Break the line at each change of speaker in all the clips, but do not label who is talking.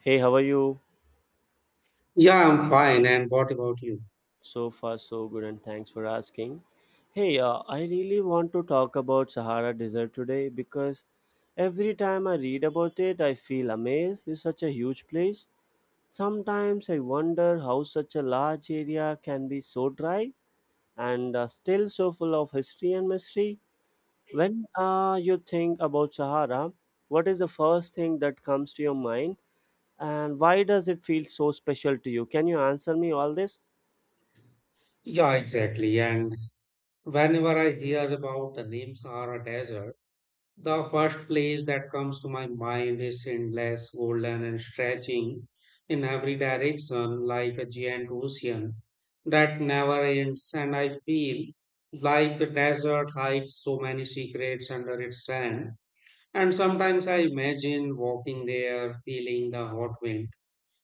Hey, how are you?
Yeah, I'm fine. And what about you?
So far, so good, and thanks for asking. Hey, I really want to talk about Sahara Desert today because every time I read about it, I feel amazed. It's such a huge place. Sometimes I wonder how such a large area can be so dry and still so full of history and mystery. When you think about Sahara, what is the first thing that comes to your mind, and why does it feel so special to you? Can you answer me all this?
Yeah, exactly. And whenever I hear about the names Sahara Desert, the first place that comes to my mind is endless, golden, and stretching in every direction like a giant ocean that never ends. And I feel like the desert hides so many secrets under its sand. And sometimes I imagine walking there, feeling the hot wind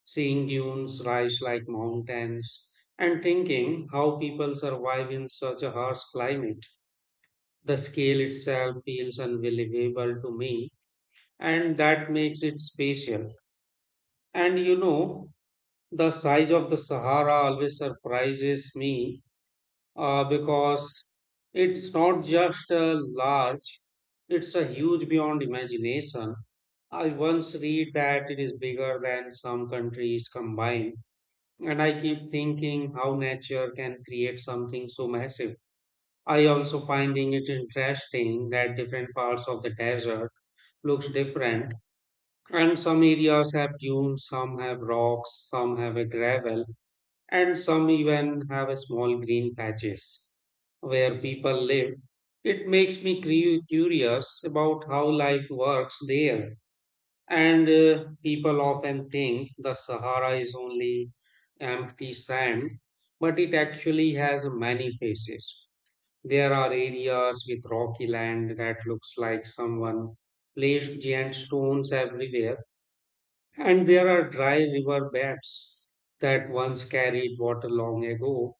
seeing dunes rise like mountains, and thinking how people survive in such a harsh climate. The scale itself feels unbelievable to me, and that makes it special. And you know, the size of the Sahara always surprises me because it's not just a large, it's a huge beyond imagination. I once read that it is bigger than some countries combined. And I keep thinking how nature can create something so massive. I also finding it interesting that different parts of the desert looks different, and some areas have dunes, some have rocks, some have a gravel, and some even have a small green patches where people live. It makes me curious about how life works there. And people often think the Sahara is only empty sand, but it actually has many faces. There are areas with rocky land that looks like someone placed giant stones everywhere, and there are dry river beds that once carried water long ago.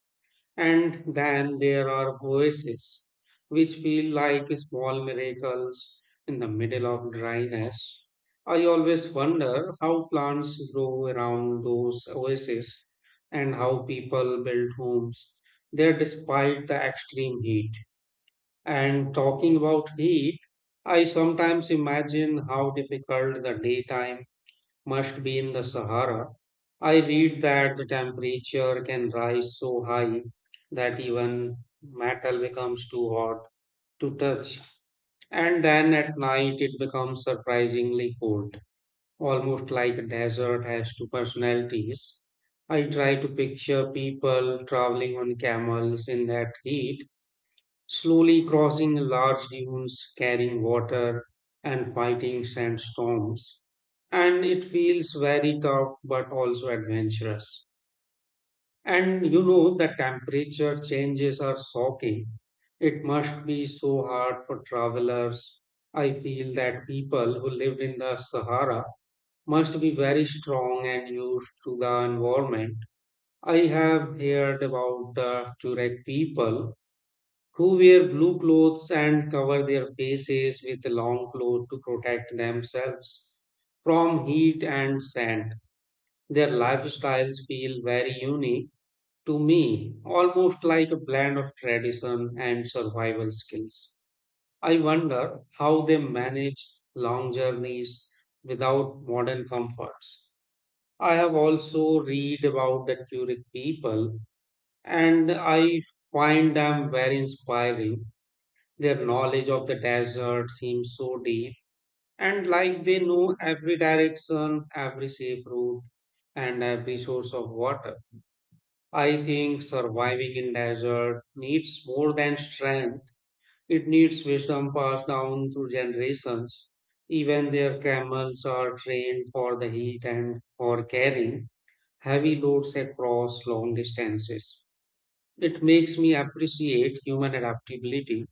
And then there are oases, which feel like small miracles in the middle of dryness. I always wonder how plants grow around those oases and how people build homes there despite the extreme heat. And talking about heat, I sometimes imagine how difficult the daytime must be in the Sahara. I read that the temperature can rise so high that even metal becomes too hot to touch, and then at night it becomes surprisingly cold, almost like a desert has two personalities. I try to picture people traveling on camels in that heat, slowly crossing large dunes, carrying water, and fighting sandstorms, and it feels very tough but also adventurous. The temperature changes are shocking. It must be so hard for travelers. I feel that people who live in the Sahara must be very strong and used to the environment. I have heard about the Turek people who wear blue clothes and cover their faces with long cloth to protect themselves from heat and sand. Their lifestyles feel very unique to me, almost like a blend of tradition and survival skills. I wonder how they manage long journeys without modern comforts. I have also read about the Keurig people, and I find them very inspiring. Their knowledge of the desert seems so deep, and like they know every direction, every safe route, and every source of water. I think surviving in desert needs more than strength. It needs wisdom passed down through generations. Even their camels are trained for the heat and for carrying heavy loads across long distances. It makes me appreciate human adaptability,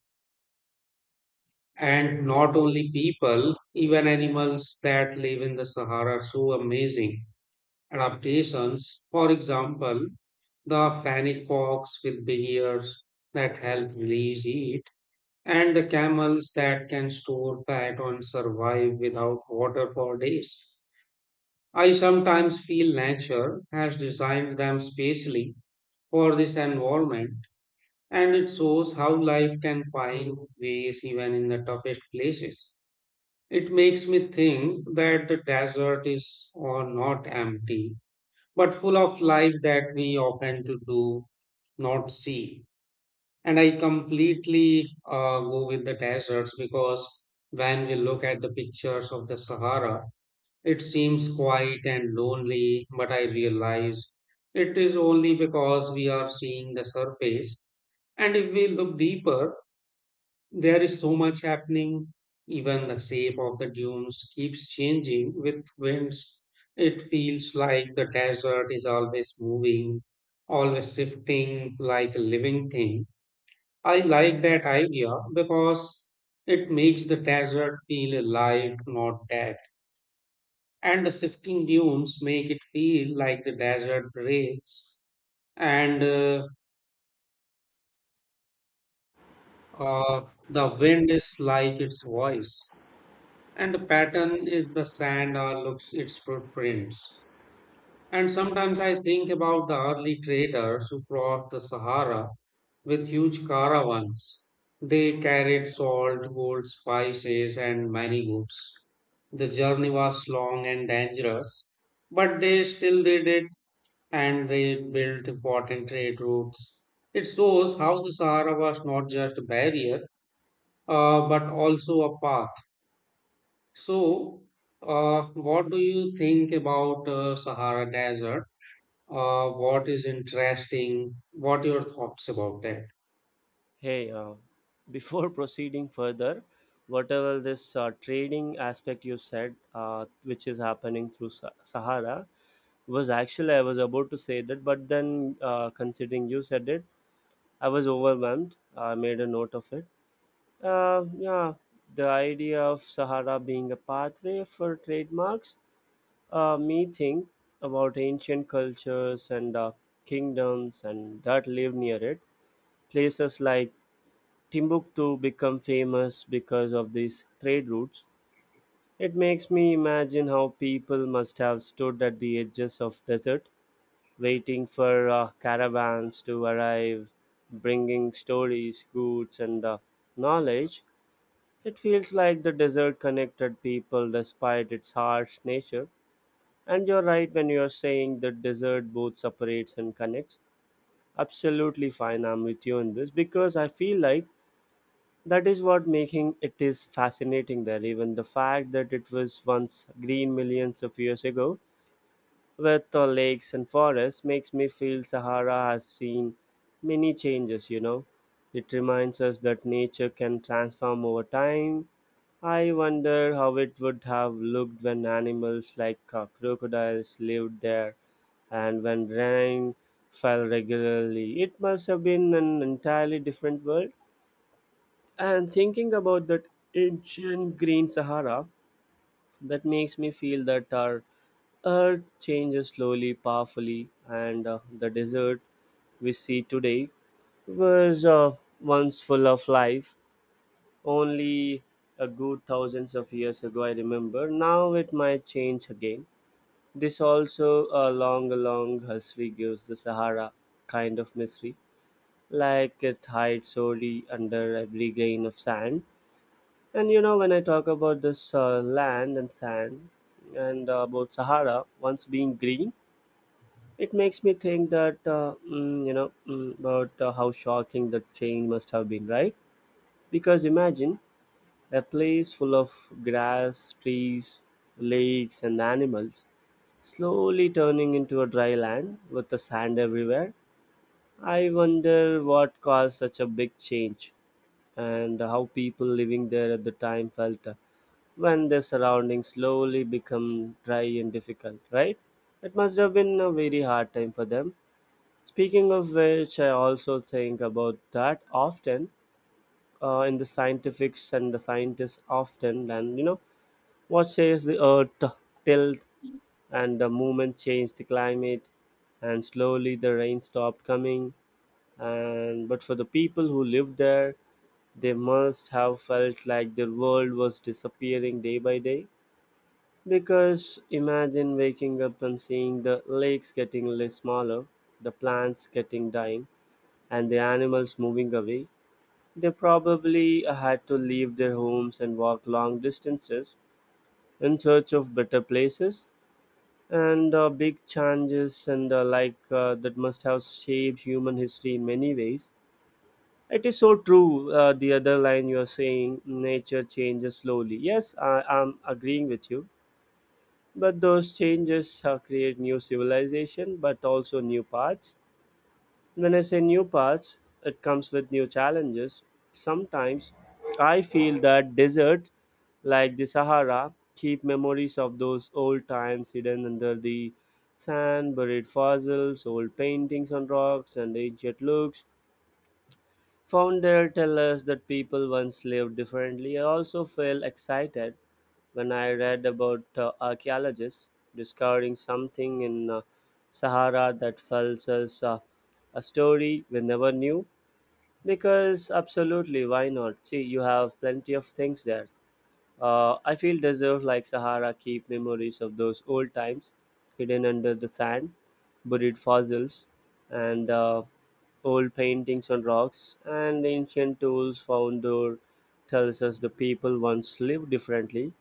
and not only people, even animals that live in the Sahara are so amazing. Adaptations. For example, the fennec fox with big ears that help release heat, and the camels that can store fat and survive without water for days. I sometimes feel nature has designed them specially for this environment, and it shows how life can find ways even in the toughest places. It makes me think that the desert is or not empty but full of life that we often to do not see. And I completely go with the deserts because when we look at the pictures of the Sahara, it seems quiet and lonely, but I realize it is only because we are seeing the surface. And if we look deeper, there is so much happening. Even the shape of the dunes keeps changing with winds. It feels like the desert is always moving, always shifting like a living thing. I like that idea because it makes the desert feel alive, not dead. And the shifting dunes make it feel like the desert breathes, and the wind is like its voice, and the pattern is the sand or looks its footprints. And sometimes I think about the early traders who crossed the Sahara with huge caravans. They carried salt, gold, spices, and many goods. The journey was long and dangerous, but they still did it, and they built important trade routes. It shows how the Sahara was not just a barrier, but also a path. So, what do you think about Sahara Desert? What is interesting? What your thoughts about that?
Hey, before proceeding further, whatever this trading aspect you said, which is happening through Sahara, was actually I was about to say that, but then considering you said it, I was overwhelmed. I made a note of it. Yeah, the idea of Sahara being a pathway for trademarks, me think about ancient cultures and kingdoms and that live near it places like Timbuktu become famous because of these trade routes. It makes me imagine how people must have stood at the edges of desert, waiting for caravans to arrive, bringing stories, goods, and knowledge. It feels like the desert connected people despite its harsh nature. And you're right when you're saying the desert both separates and connects. Absolutely fine, I'm with you on this because I feel like that is what making it is fascinating there. Even the fact that it was once green millions of years ago with the lakes and forests makes me feel Sahara has seen many changes, you know. It reminds us that nature can transform over time. I wonder how it would have looked when animals like crocodiles lived there and when rain fell regularly. It must have been an entirely different world. And thinking about that ancient green Sahara, that makes me feel that our earth changes slowly, powerfully, and the desert we see today was once full of life. Only a good thousands of years ago, I remember. Now it might change again. This also a long, long history gives the Sahara kind of mystery, like it hides sorely under every grain of sand. And you know, when I talk about this land and sand and about Sahara once being green, it makes me think that, about how shocking that change must have been, right? Because imagine a place full of grass, trees, lakes, and animals slowly turning into a dry land with the sand everywhere. I wonder what caused such a big change and how people living there at the time felt. When the surroundings slowly become dry and difficult, right? It must have been a very hard time for them. Speaking of which, I also think about that often in the scientifics and the scientists often, and you know, what says the earth tilt and the movement changed the climate, and slowly the rain stopped coming. And but for the people who lived there, they must have felt like their world was disappearing day by day because imagine waking up and seeing the lakes getting less smaller, the plants getting dying, and the animals moving away. They probably had to leave their homes and walk long distances in search of better places. And big changes and that must have shaped human history in many ways. It is so true. The other line you are saying, nature changes slowly. Yes, I am agreeing with you, but those changes have created new civilization, but also new paths. When I say new paths, it comes with new challenges. Sometimes I feel that deserts, like the Sahara, keep memories of those old times hidden under the sand, buried fossils, old paintings on rocks, and ancient looks. Found there tell us that people once lived differently. I also feel excited when I read about archaeologists discovering something in Sahara that felt as a story we never knew. Because absolutely, why not? See, you have plenty of things there. I feel deserve like Sahara keep memories of those old times, hidden under the sand, buried fossils, and old paintings on rocks and ancient tools found there tells us the people once lived differently.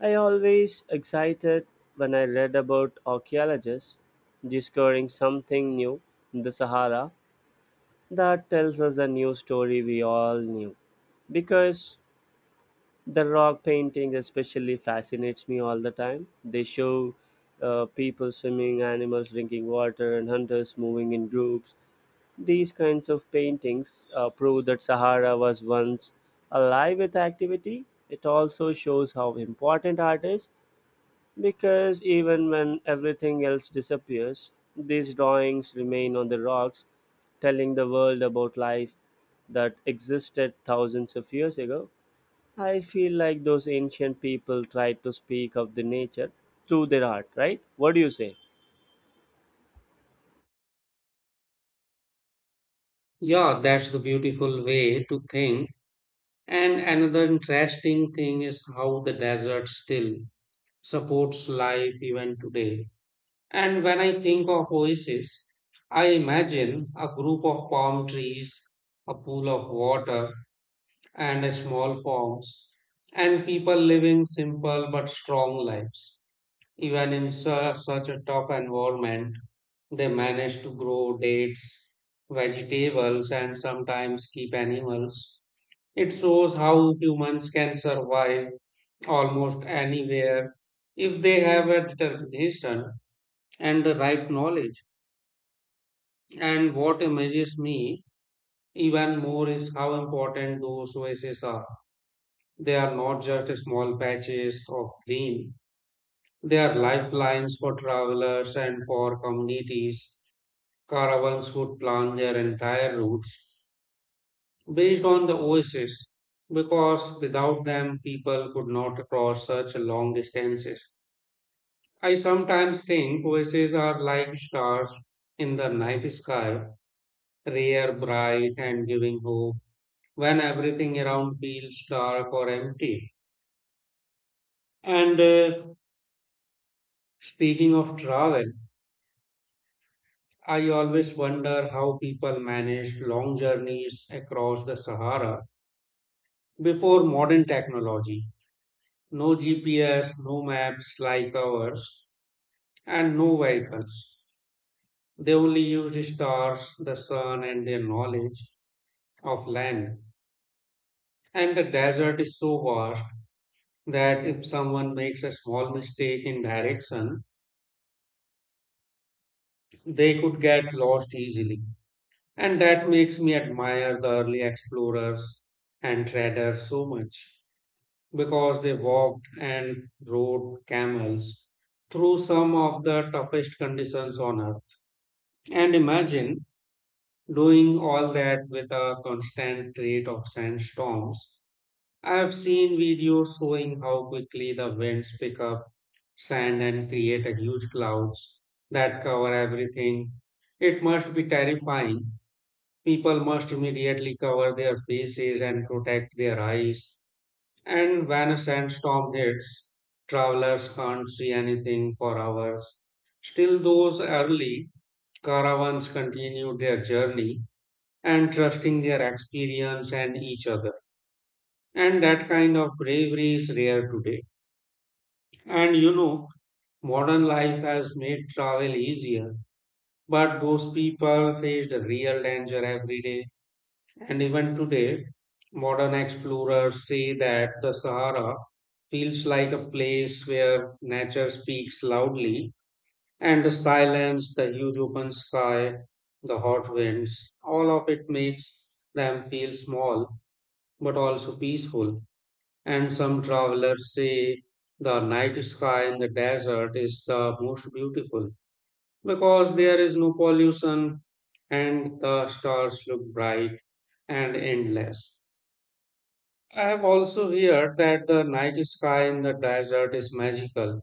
I always excited when I read about archaeologists discovering something new in the Sahara that tells us a new story we all knew. Because the rock painting especially fascinates me all the time. They show people swimming, animals drinking water, and hunters moving in groups. These kinds of paintings prove that Sahara was once alive with activity. It also shows how important art is because even when everything else disappears, these drawings remain on the rocks, telling the world about life that existed thousands of years ago. I feel like those ancient people tried to speak of the nature through their art, right? What do you say?
Yeah, that's the beautiful way to think. And another interesting thing is how the desert still supports life even today. And when I think of oasis, I imagine a group of palm trees, a pool of water, and small farms, and people living simple but strong lives. Even in such a tough environment, they manage to grow dates, vegetables, and sometimes keep animals. It shows how humans can survive almost anywhere if they have a determination and the right knowledge. And what amazes me even more is how important those voices are. They are not just small patches of green, they are lifelines for travelers and for communities. Caravans would plan their entire routes based on the oases because without them, people could not cross such long distances. I sometimes think oases are like stars in the night sky, rare, bright, and giving hope when everything around feels dark or empty. And speaking of travel, I always wonder how people managed long journeys across the Sahara before modern technology. No GPS, no maps like ours, and no vehicles. They only used stars, the sun, and their knowledge of land. And the desert is so vast that if someone makes a small mistake in direction, they could get lost easily. And that makes me admire the early explorers and traders so much, because they walked and rode camels through some of the toughest conditions on earth. And imagine doing all that with a constant rate of sandstorms. I have seen videos showing how quickly the winds pick up sand and create a huge clouds that cover everything. It must be terrifying. People must immediately cover their faces and protect their eyes, and when a sandstorm hits, travelers can't see anything for hours. Still, those early caravans continued their journey and trusting their experience and each other. And that kind of bravery is rare today. And you know, modern life has made travel easier, but those people faced a real danger every day. And even today, modern explorers say that the Sahara feels like a place where nature speaks loudly, and the silence, the huge open sky, the hot winds, all of it makes them feel small but also peaceful. And some travelers say the night sky in the desert is the most beautiful because there is no pollution and the stars look bright and endless. I have also heard that the night sky in the desert is magical.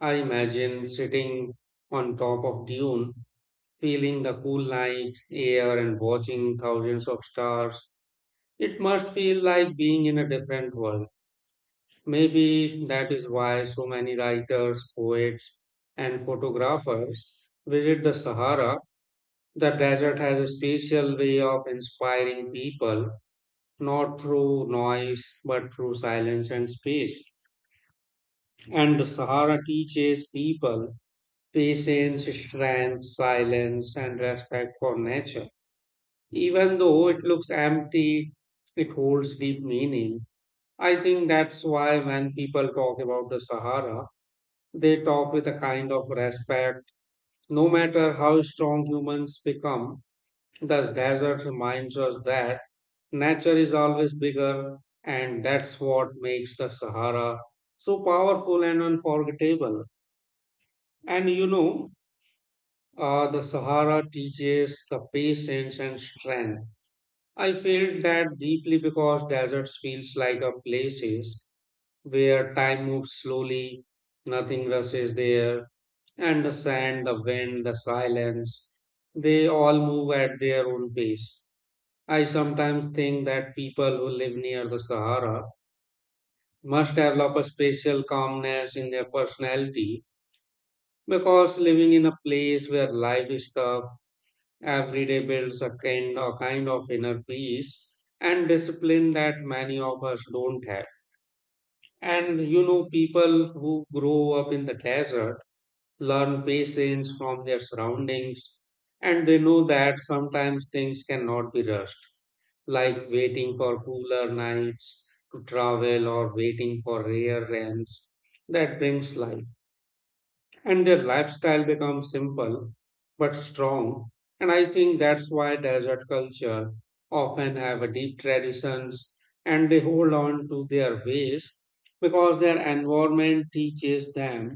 I imagine sitting on top of dune, feeling the cool night air and watching thousands of stars. It must feel like being in a different world. Maybe that is why so many writers, poets, and photographers visit the Sahara. The desert has a special way of inspiring people, not through noise, but through silence and space. And the Sahara teaches people patience, strength, silence, and respect for nature. Even though it looks empty, it holds deep meaning. I think that's why when people talk about the Sahara, they talk with a kind of respect. No matter how strong humans become, the desert reminds us that nature is always bigger, and that's what makes the Sahara so powerful and unforgettable. And you know, the Sahara teaches the patience and strength. I felt that deeply because deserts feels like a places where time moves slowly, nothing rushes there, and the sand, the wind, the silence, they all move at their own pace. I sometimes think that people who live near the Sahara must develop a special calmness in their personality because living in a place where life is tough every day builds a kind of inner peace and discipline that many of us don't have. And you know, people who grow up in the desert learn patience from their surroundings, and they know that sometimes things cannot be rushed, like waiting for cooler nights to travel or waiting for rare rains that brings life, and their lifestyle becomes simple but strong. And I think that's why desert culture often have a deep traditions, and they hold on to their ways because their environment teaches them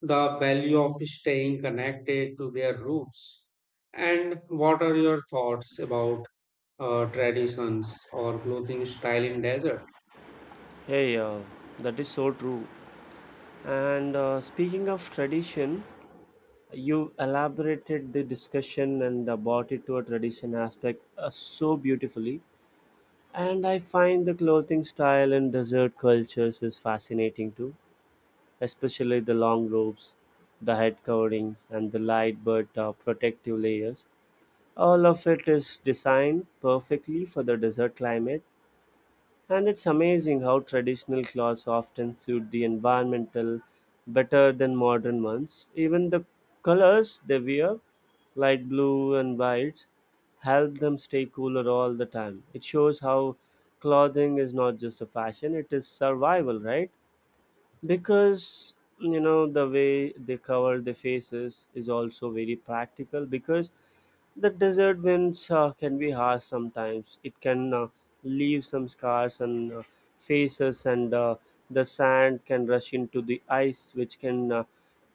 the value of staying connected to their roots. And what are your thoughts about traditions or clothing style in desert?
Hey, that is so true. And speaking of tradition, you elaborated the discussion and brought it to a tradition aspect so beautifully. And I find the clothing style in desert cultures is fascinating too, especially the long robes, the head coverings, and the light but protective layers. All of it is designed perfectly for the desert climate. And it's amazing how traditional clothes often suit the environmental better than modern ones. Even the colors they wear, light blue and whites, help them stay cooler all the time. It shows how clothing is not just a fashion, it is survival, right? Because you know the way they cover their faces is also very practical because the desert winds can be harsh. Sometimes it can leave some scars on faces and the sand can rush into the ice which can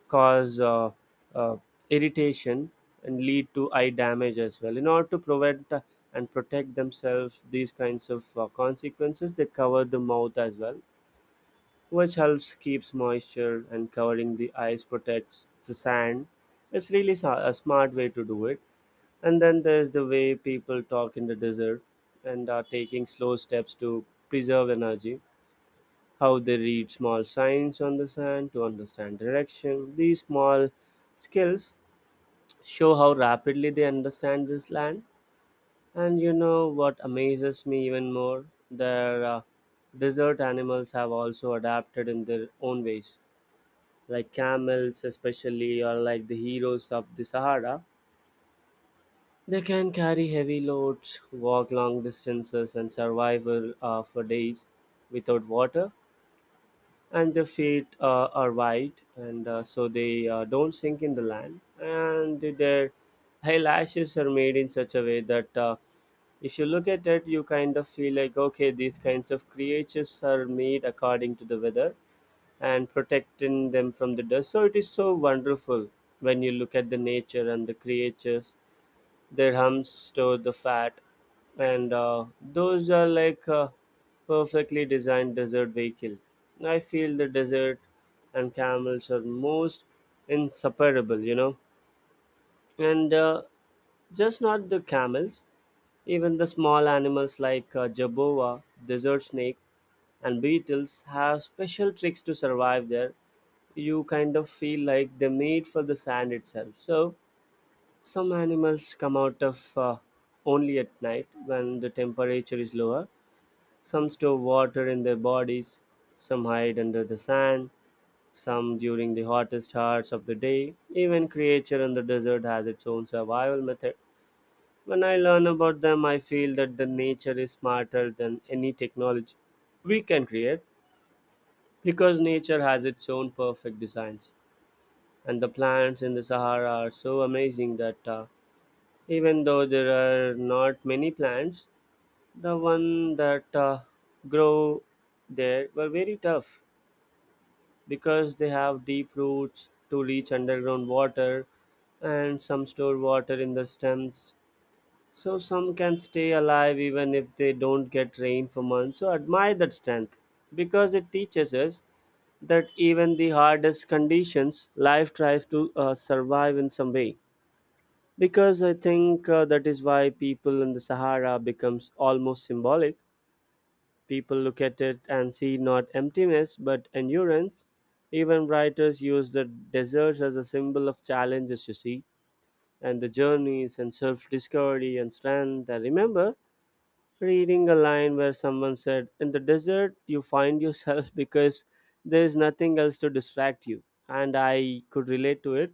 cause uh, irritation and lead to eye damage as well. In order to prevent and protect themselves these kinds of consequences, they cover the mouth as well, which helps keeps moisture, and covering the ice protects the sand. It's really a smart way to do it. And then there's the way people talk in the desert and are taking slow steps to preserve energy, how they read small signs on the sand to understand direction. These small skills show how rapidly they understand this land. And you know what amazes me even more, their desert animals have also adapted in their own ways, like camels especially, or like the heroes of the Sahara. They can carry heavy loads, walk long distances, and survive for days without water. And their feet are wide and so they don't sink in the land, and their eyelashes are made in such a way that if you look at it, you kind of feel like okay, these kinds of creatures are made according to the weather and protecting them from the dust. So it is so wonderful when you look at the nature and the creatures. Their humps store the fat, and those are like a perfectly designed desert vehicle. I feel the desert and camels are most inseparable, you know, and just not the camels. Even the small animals like jaboa, desert snake, and beetles have special tricks to survive there. You kind of feel like they are made for the sand itself. So some animals come out of only at night when the temperature is lower. Some store water in their bodies, some hide under the sand, some during the hottest hours of the day. Even creature in the desert has its own survival method. When I learn about them, I feel that the nature is smarter than any technology we can create because nature has its own perfect designs. And the plants in the Sahara are so amazing that even though there are not many plants, the one that grow there were very tough because they have deep roots to reach underground water, and some store water in the stems, so some can stay alive even if they don't get rain for months. So admire that strength because it teaches us that even the hardest conditions life tries to survive in some way. Because I think that is why people in the Sahara becomes almost symbolic. People look at it and see not emptiness but endurance. Even writers use the deserts as a symbol of challenges, you see, and the journeys and self-discovery and strength. I remember reading a line where someone said in the desert you find yourself because there is nothing else to distract you, and I could relate to it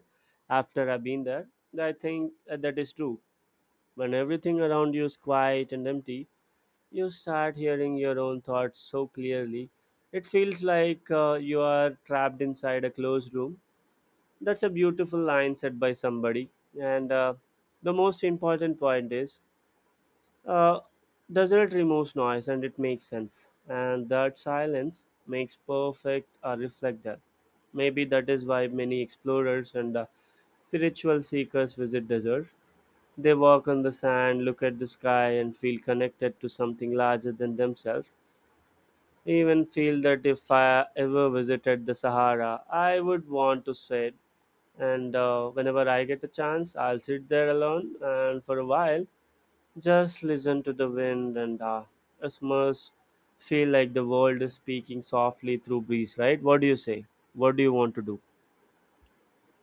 after I've been there. I think that is true. When everything around you is quiet and empty, you start hearing your own thoughts so clearly. It feels like you are trapped inside a closed room. That's a beautiful line said by somebody. And The most important point is uh, desert removes noise and it makes sense. And that silence makes perfect a reflector. Maybe that is why many explorers and spiritual seekers visit desert, they walk on the sand, look at the sky, and feel connected to something larger than themselves. Even feel that if I ever visited the Sahara, I would want to sit. And Whenever I get a chance, I'll sit there alone and for a while just listen to the wind, and it must feel like the world is speaking softly through breeze, right? What do you say? What do you want to do?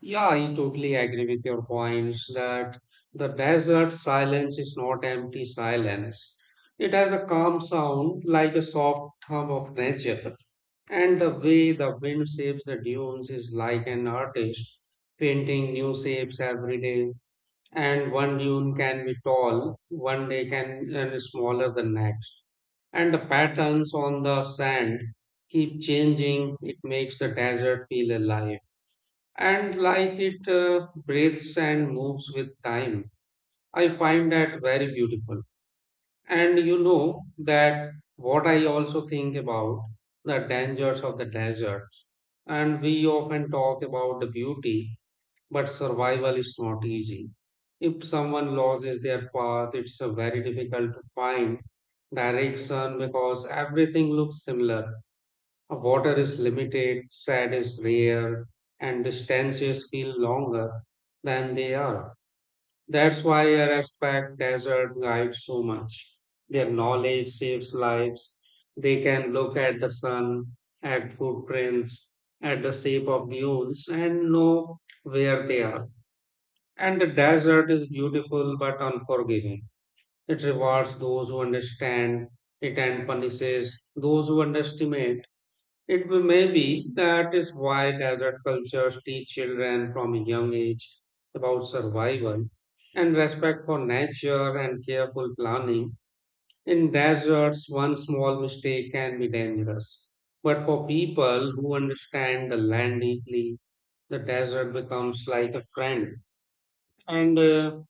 Yeah, I totally agree with your points that the desert silence is not empty silence. It has a calm sound like a soft hum of nature. And the way the wind shapes the dunes is like an artist painting new shapes every day. And one dune can be tall, one day can and smaller than next. And the patterns on the sand keep changing. It makes the desert feel alive, and like it breathes and moves with time. I find that very beautiful. And you know that what I also think about the dangers of the desert. And we often talk about the beauty, but survival is not easy. If someone loses their path, it's very difficult to find direction because everything looks similar. Water is limited, sand is rare, and distances feel longer than they are. That's why I respect desert guides so much. Their knowledge saves lives. They can look at the sun, at footprints, at the shape of dunes, and know where they are. And the desert is beautiful but unforgiving. It rewards those who understand it and punishes those who underestimate. It will may be that is why desert cultures teach children from a young age about survival and respect for nature and careful planning. In deserts, one small mistake can be dangerous. But for people who understand the land deeply, the desert becomes like a friend. And uh,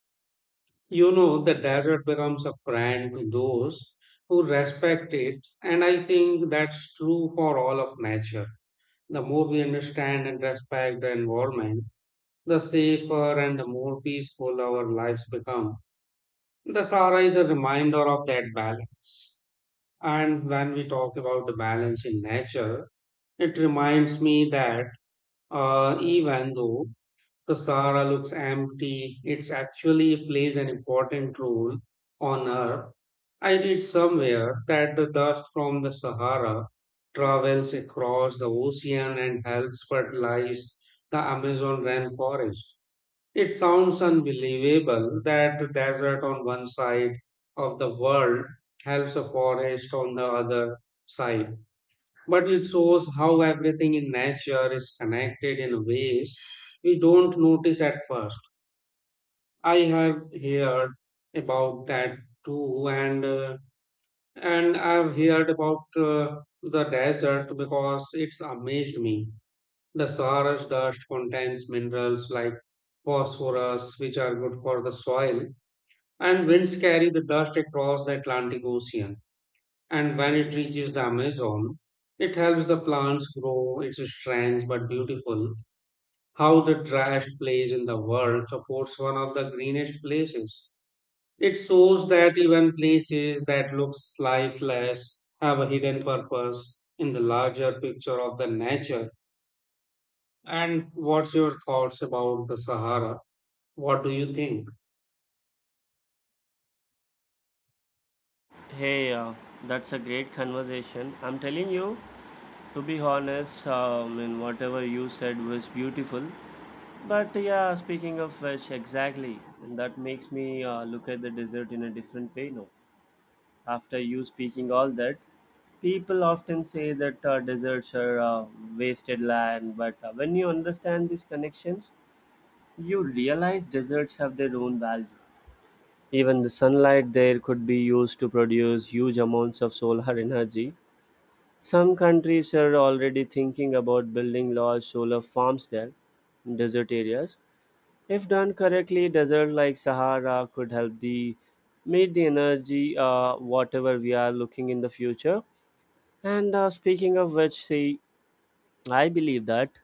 you know, the desert becomes a friend to those who respect it. And I think that's true for all of nature. The more we understand and respect the environment, the safer and the more peaceful our lives become. The Sahara is a reminder of that balance. And when we talk about the balance in nature, it reminds me that even though the Sahara looks empty, it actually plays an important role on Earth. I read somewhere that the dust from the Sahara travels across the ocean and helps fertilize the Amazon rainforest. It sounds unbelievable that the desert on one side of the world helps a forest on the other side. But it shows how everything in nature is connected in ways we don't notice at first. I have heard about that too, and I've heard about the desert because it's amazed me. The Sahara's dust contains minerals like phosphorus, which are good for the soil, and winds carry the dust across the Atlantic Ocean. And when it reaches the Amazon, it helps the plants grow. It's strange but beautiful how the driest place in the world supports one of the greenest places. It shows that even places that looks lifeless have a hidden purpose in the larger picture of the nature. And what's your thoughts about the Sahara? What do you think?
Hey, that's a great conversation. I'm telling you, to be honest, I mean, whatever you said was beautiful. But yeah, speaking of which, exactly, and that makes me look at the desert in a different way now. After you speaking all that, people often say that deserts are wasted land, but when you understand these connections, you realize deserts have their own value. Even the sunlight there could be used to produce huge amounts of solar energy. Some countries are already thinking about building large solar farms there in desert areas. If done correctly, desert like Sahara could help the meet the energy whatever we are looking in the future. And Speaking of which, see, I believe that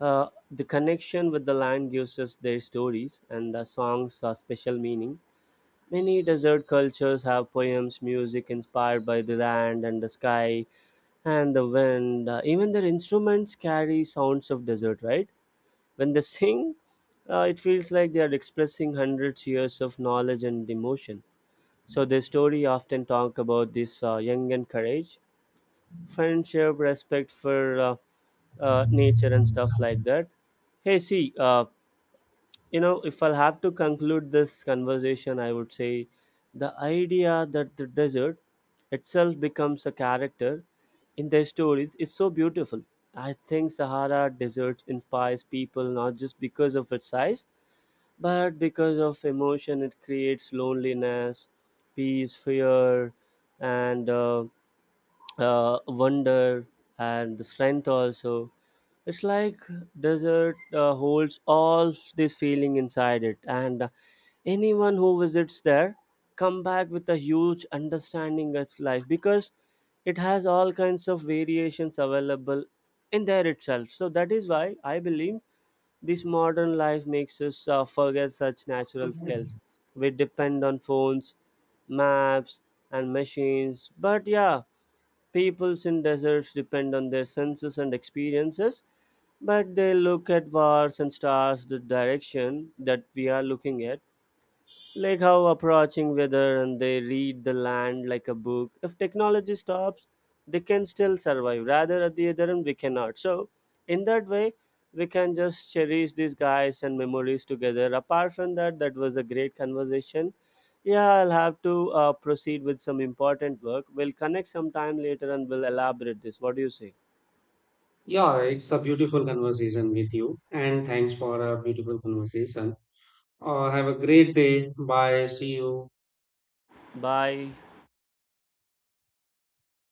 the connection with the land gives us their stories and the songs a special meaning. Many desert cultures have poems, music inspired by the land and the sky, and the wind. Even their instruments carry sounds of desert, right? When they sing, it feels like they are expressing hundreds years of knowledge and emotion. So their story often talk about this young and courage, friendship, respect for nature and stuff like that. Hey, see, you know if I'll have to conclude this conversation I would say the idea that the desert itself becomes a character in their stories is so beautiful. I think Sahara desert inspires people not just because of its size, but because of emotion it creates: loneliness, peace, fear, and wonder and the strength also. It's like desert holds all this feeling inside it, and anyone who visits there come back with a huge understanding of life because it has all kinds of variations available in there itself. So that is why I believe this modern life makes us forget such natural skills.
Okay.
We depend on phones, maps, and machines. But yeah, peoples in deserts depend on their senses and experiences, but they look at wars and stars the direction that we are looking at, like how approaching weather, and they read the land like a book. If technology stops, they can still survive, rather at the other end we cannot. So in that way, we can just cherish these guys and memories together. Apart from that, that was a great conversation. Yeah, I'll have to proceed with some important work. We'll connect sometime later and we'll elaborate this. What do you say?
Yeah, it's a beautiful conversation with you, and thanks for a beautiful conversation. Have a great day. Bye. See you.
Bye.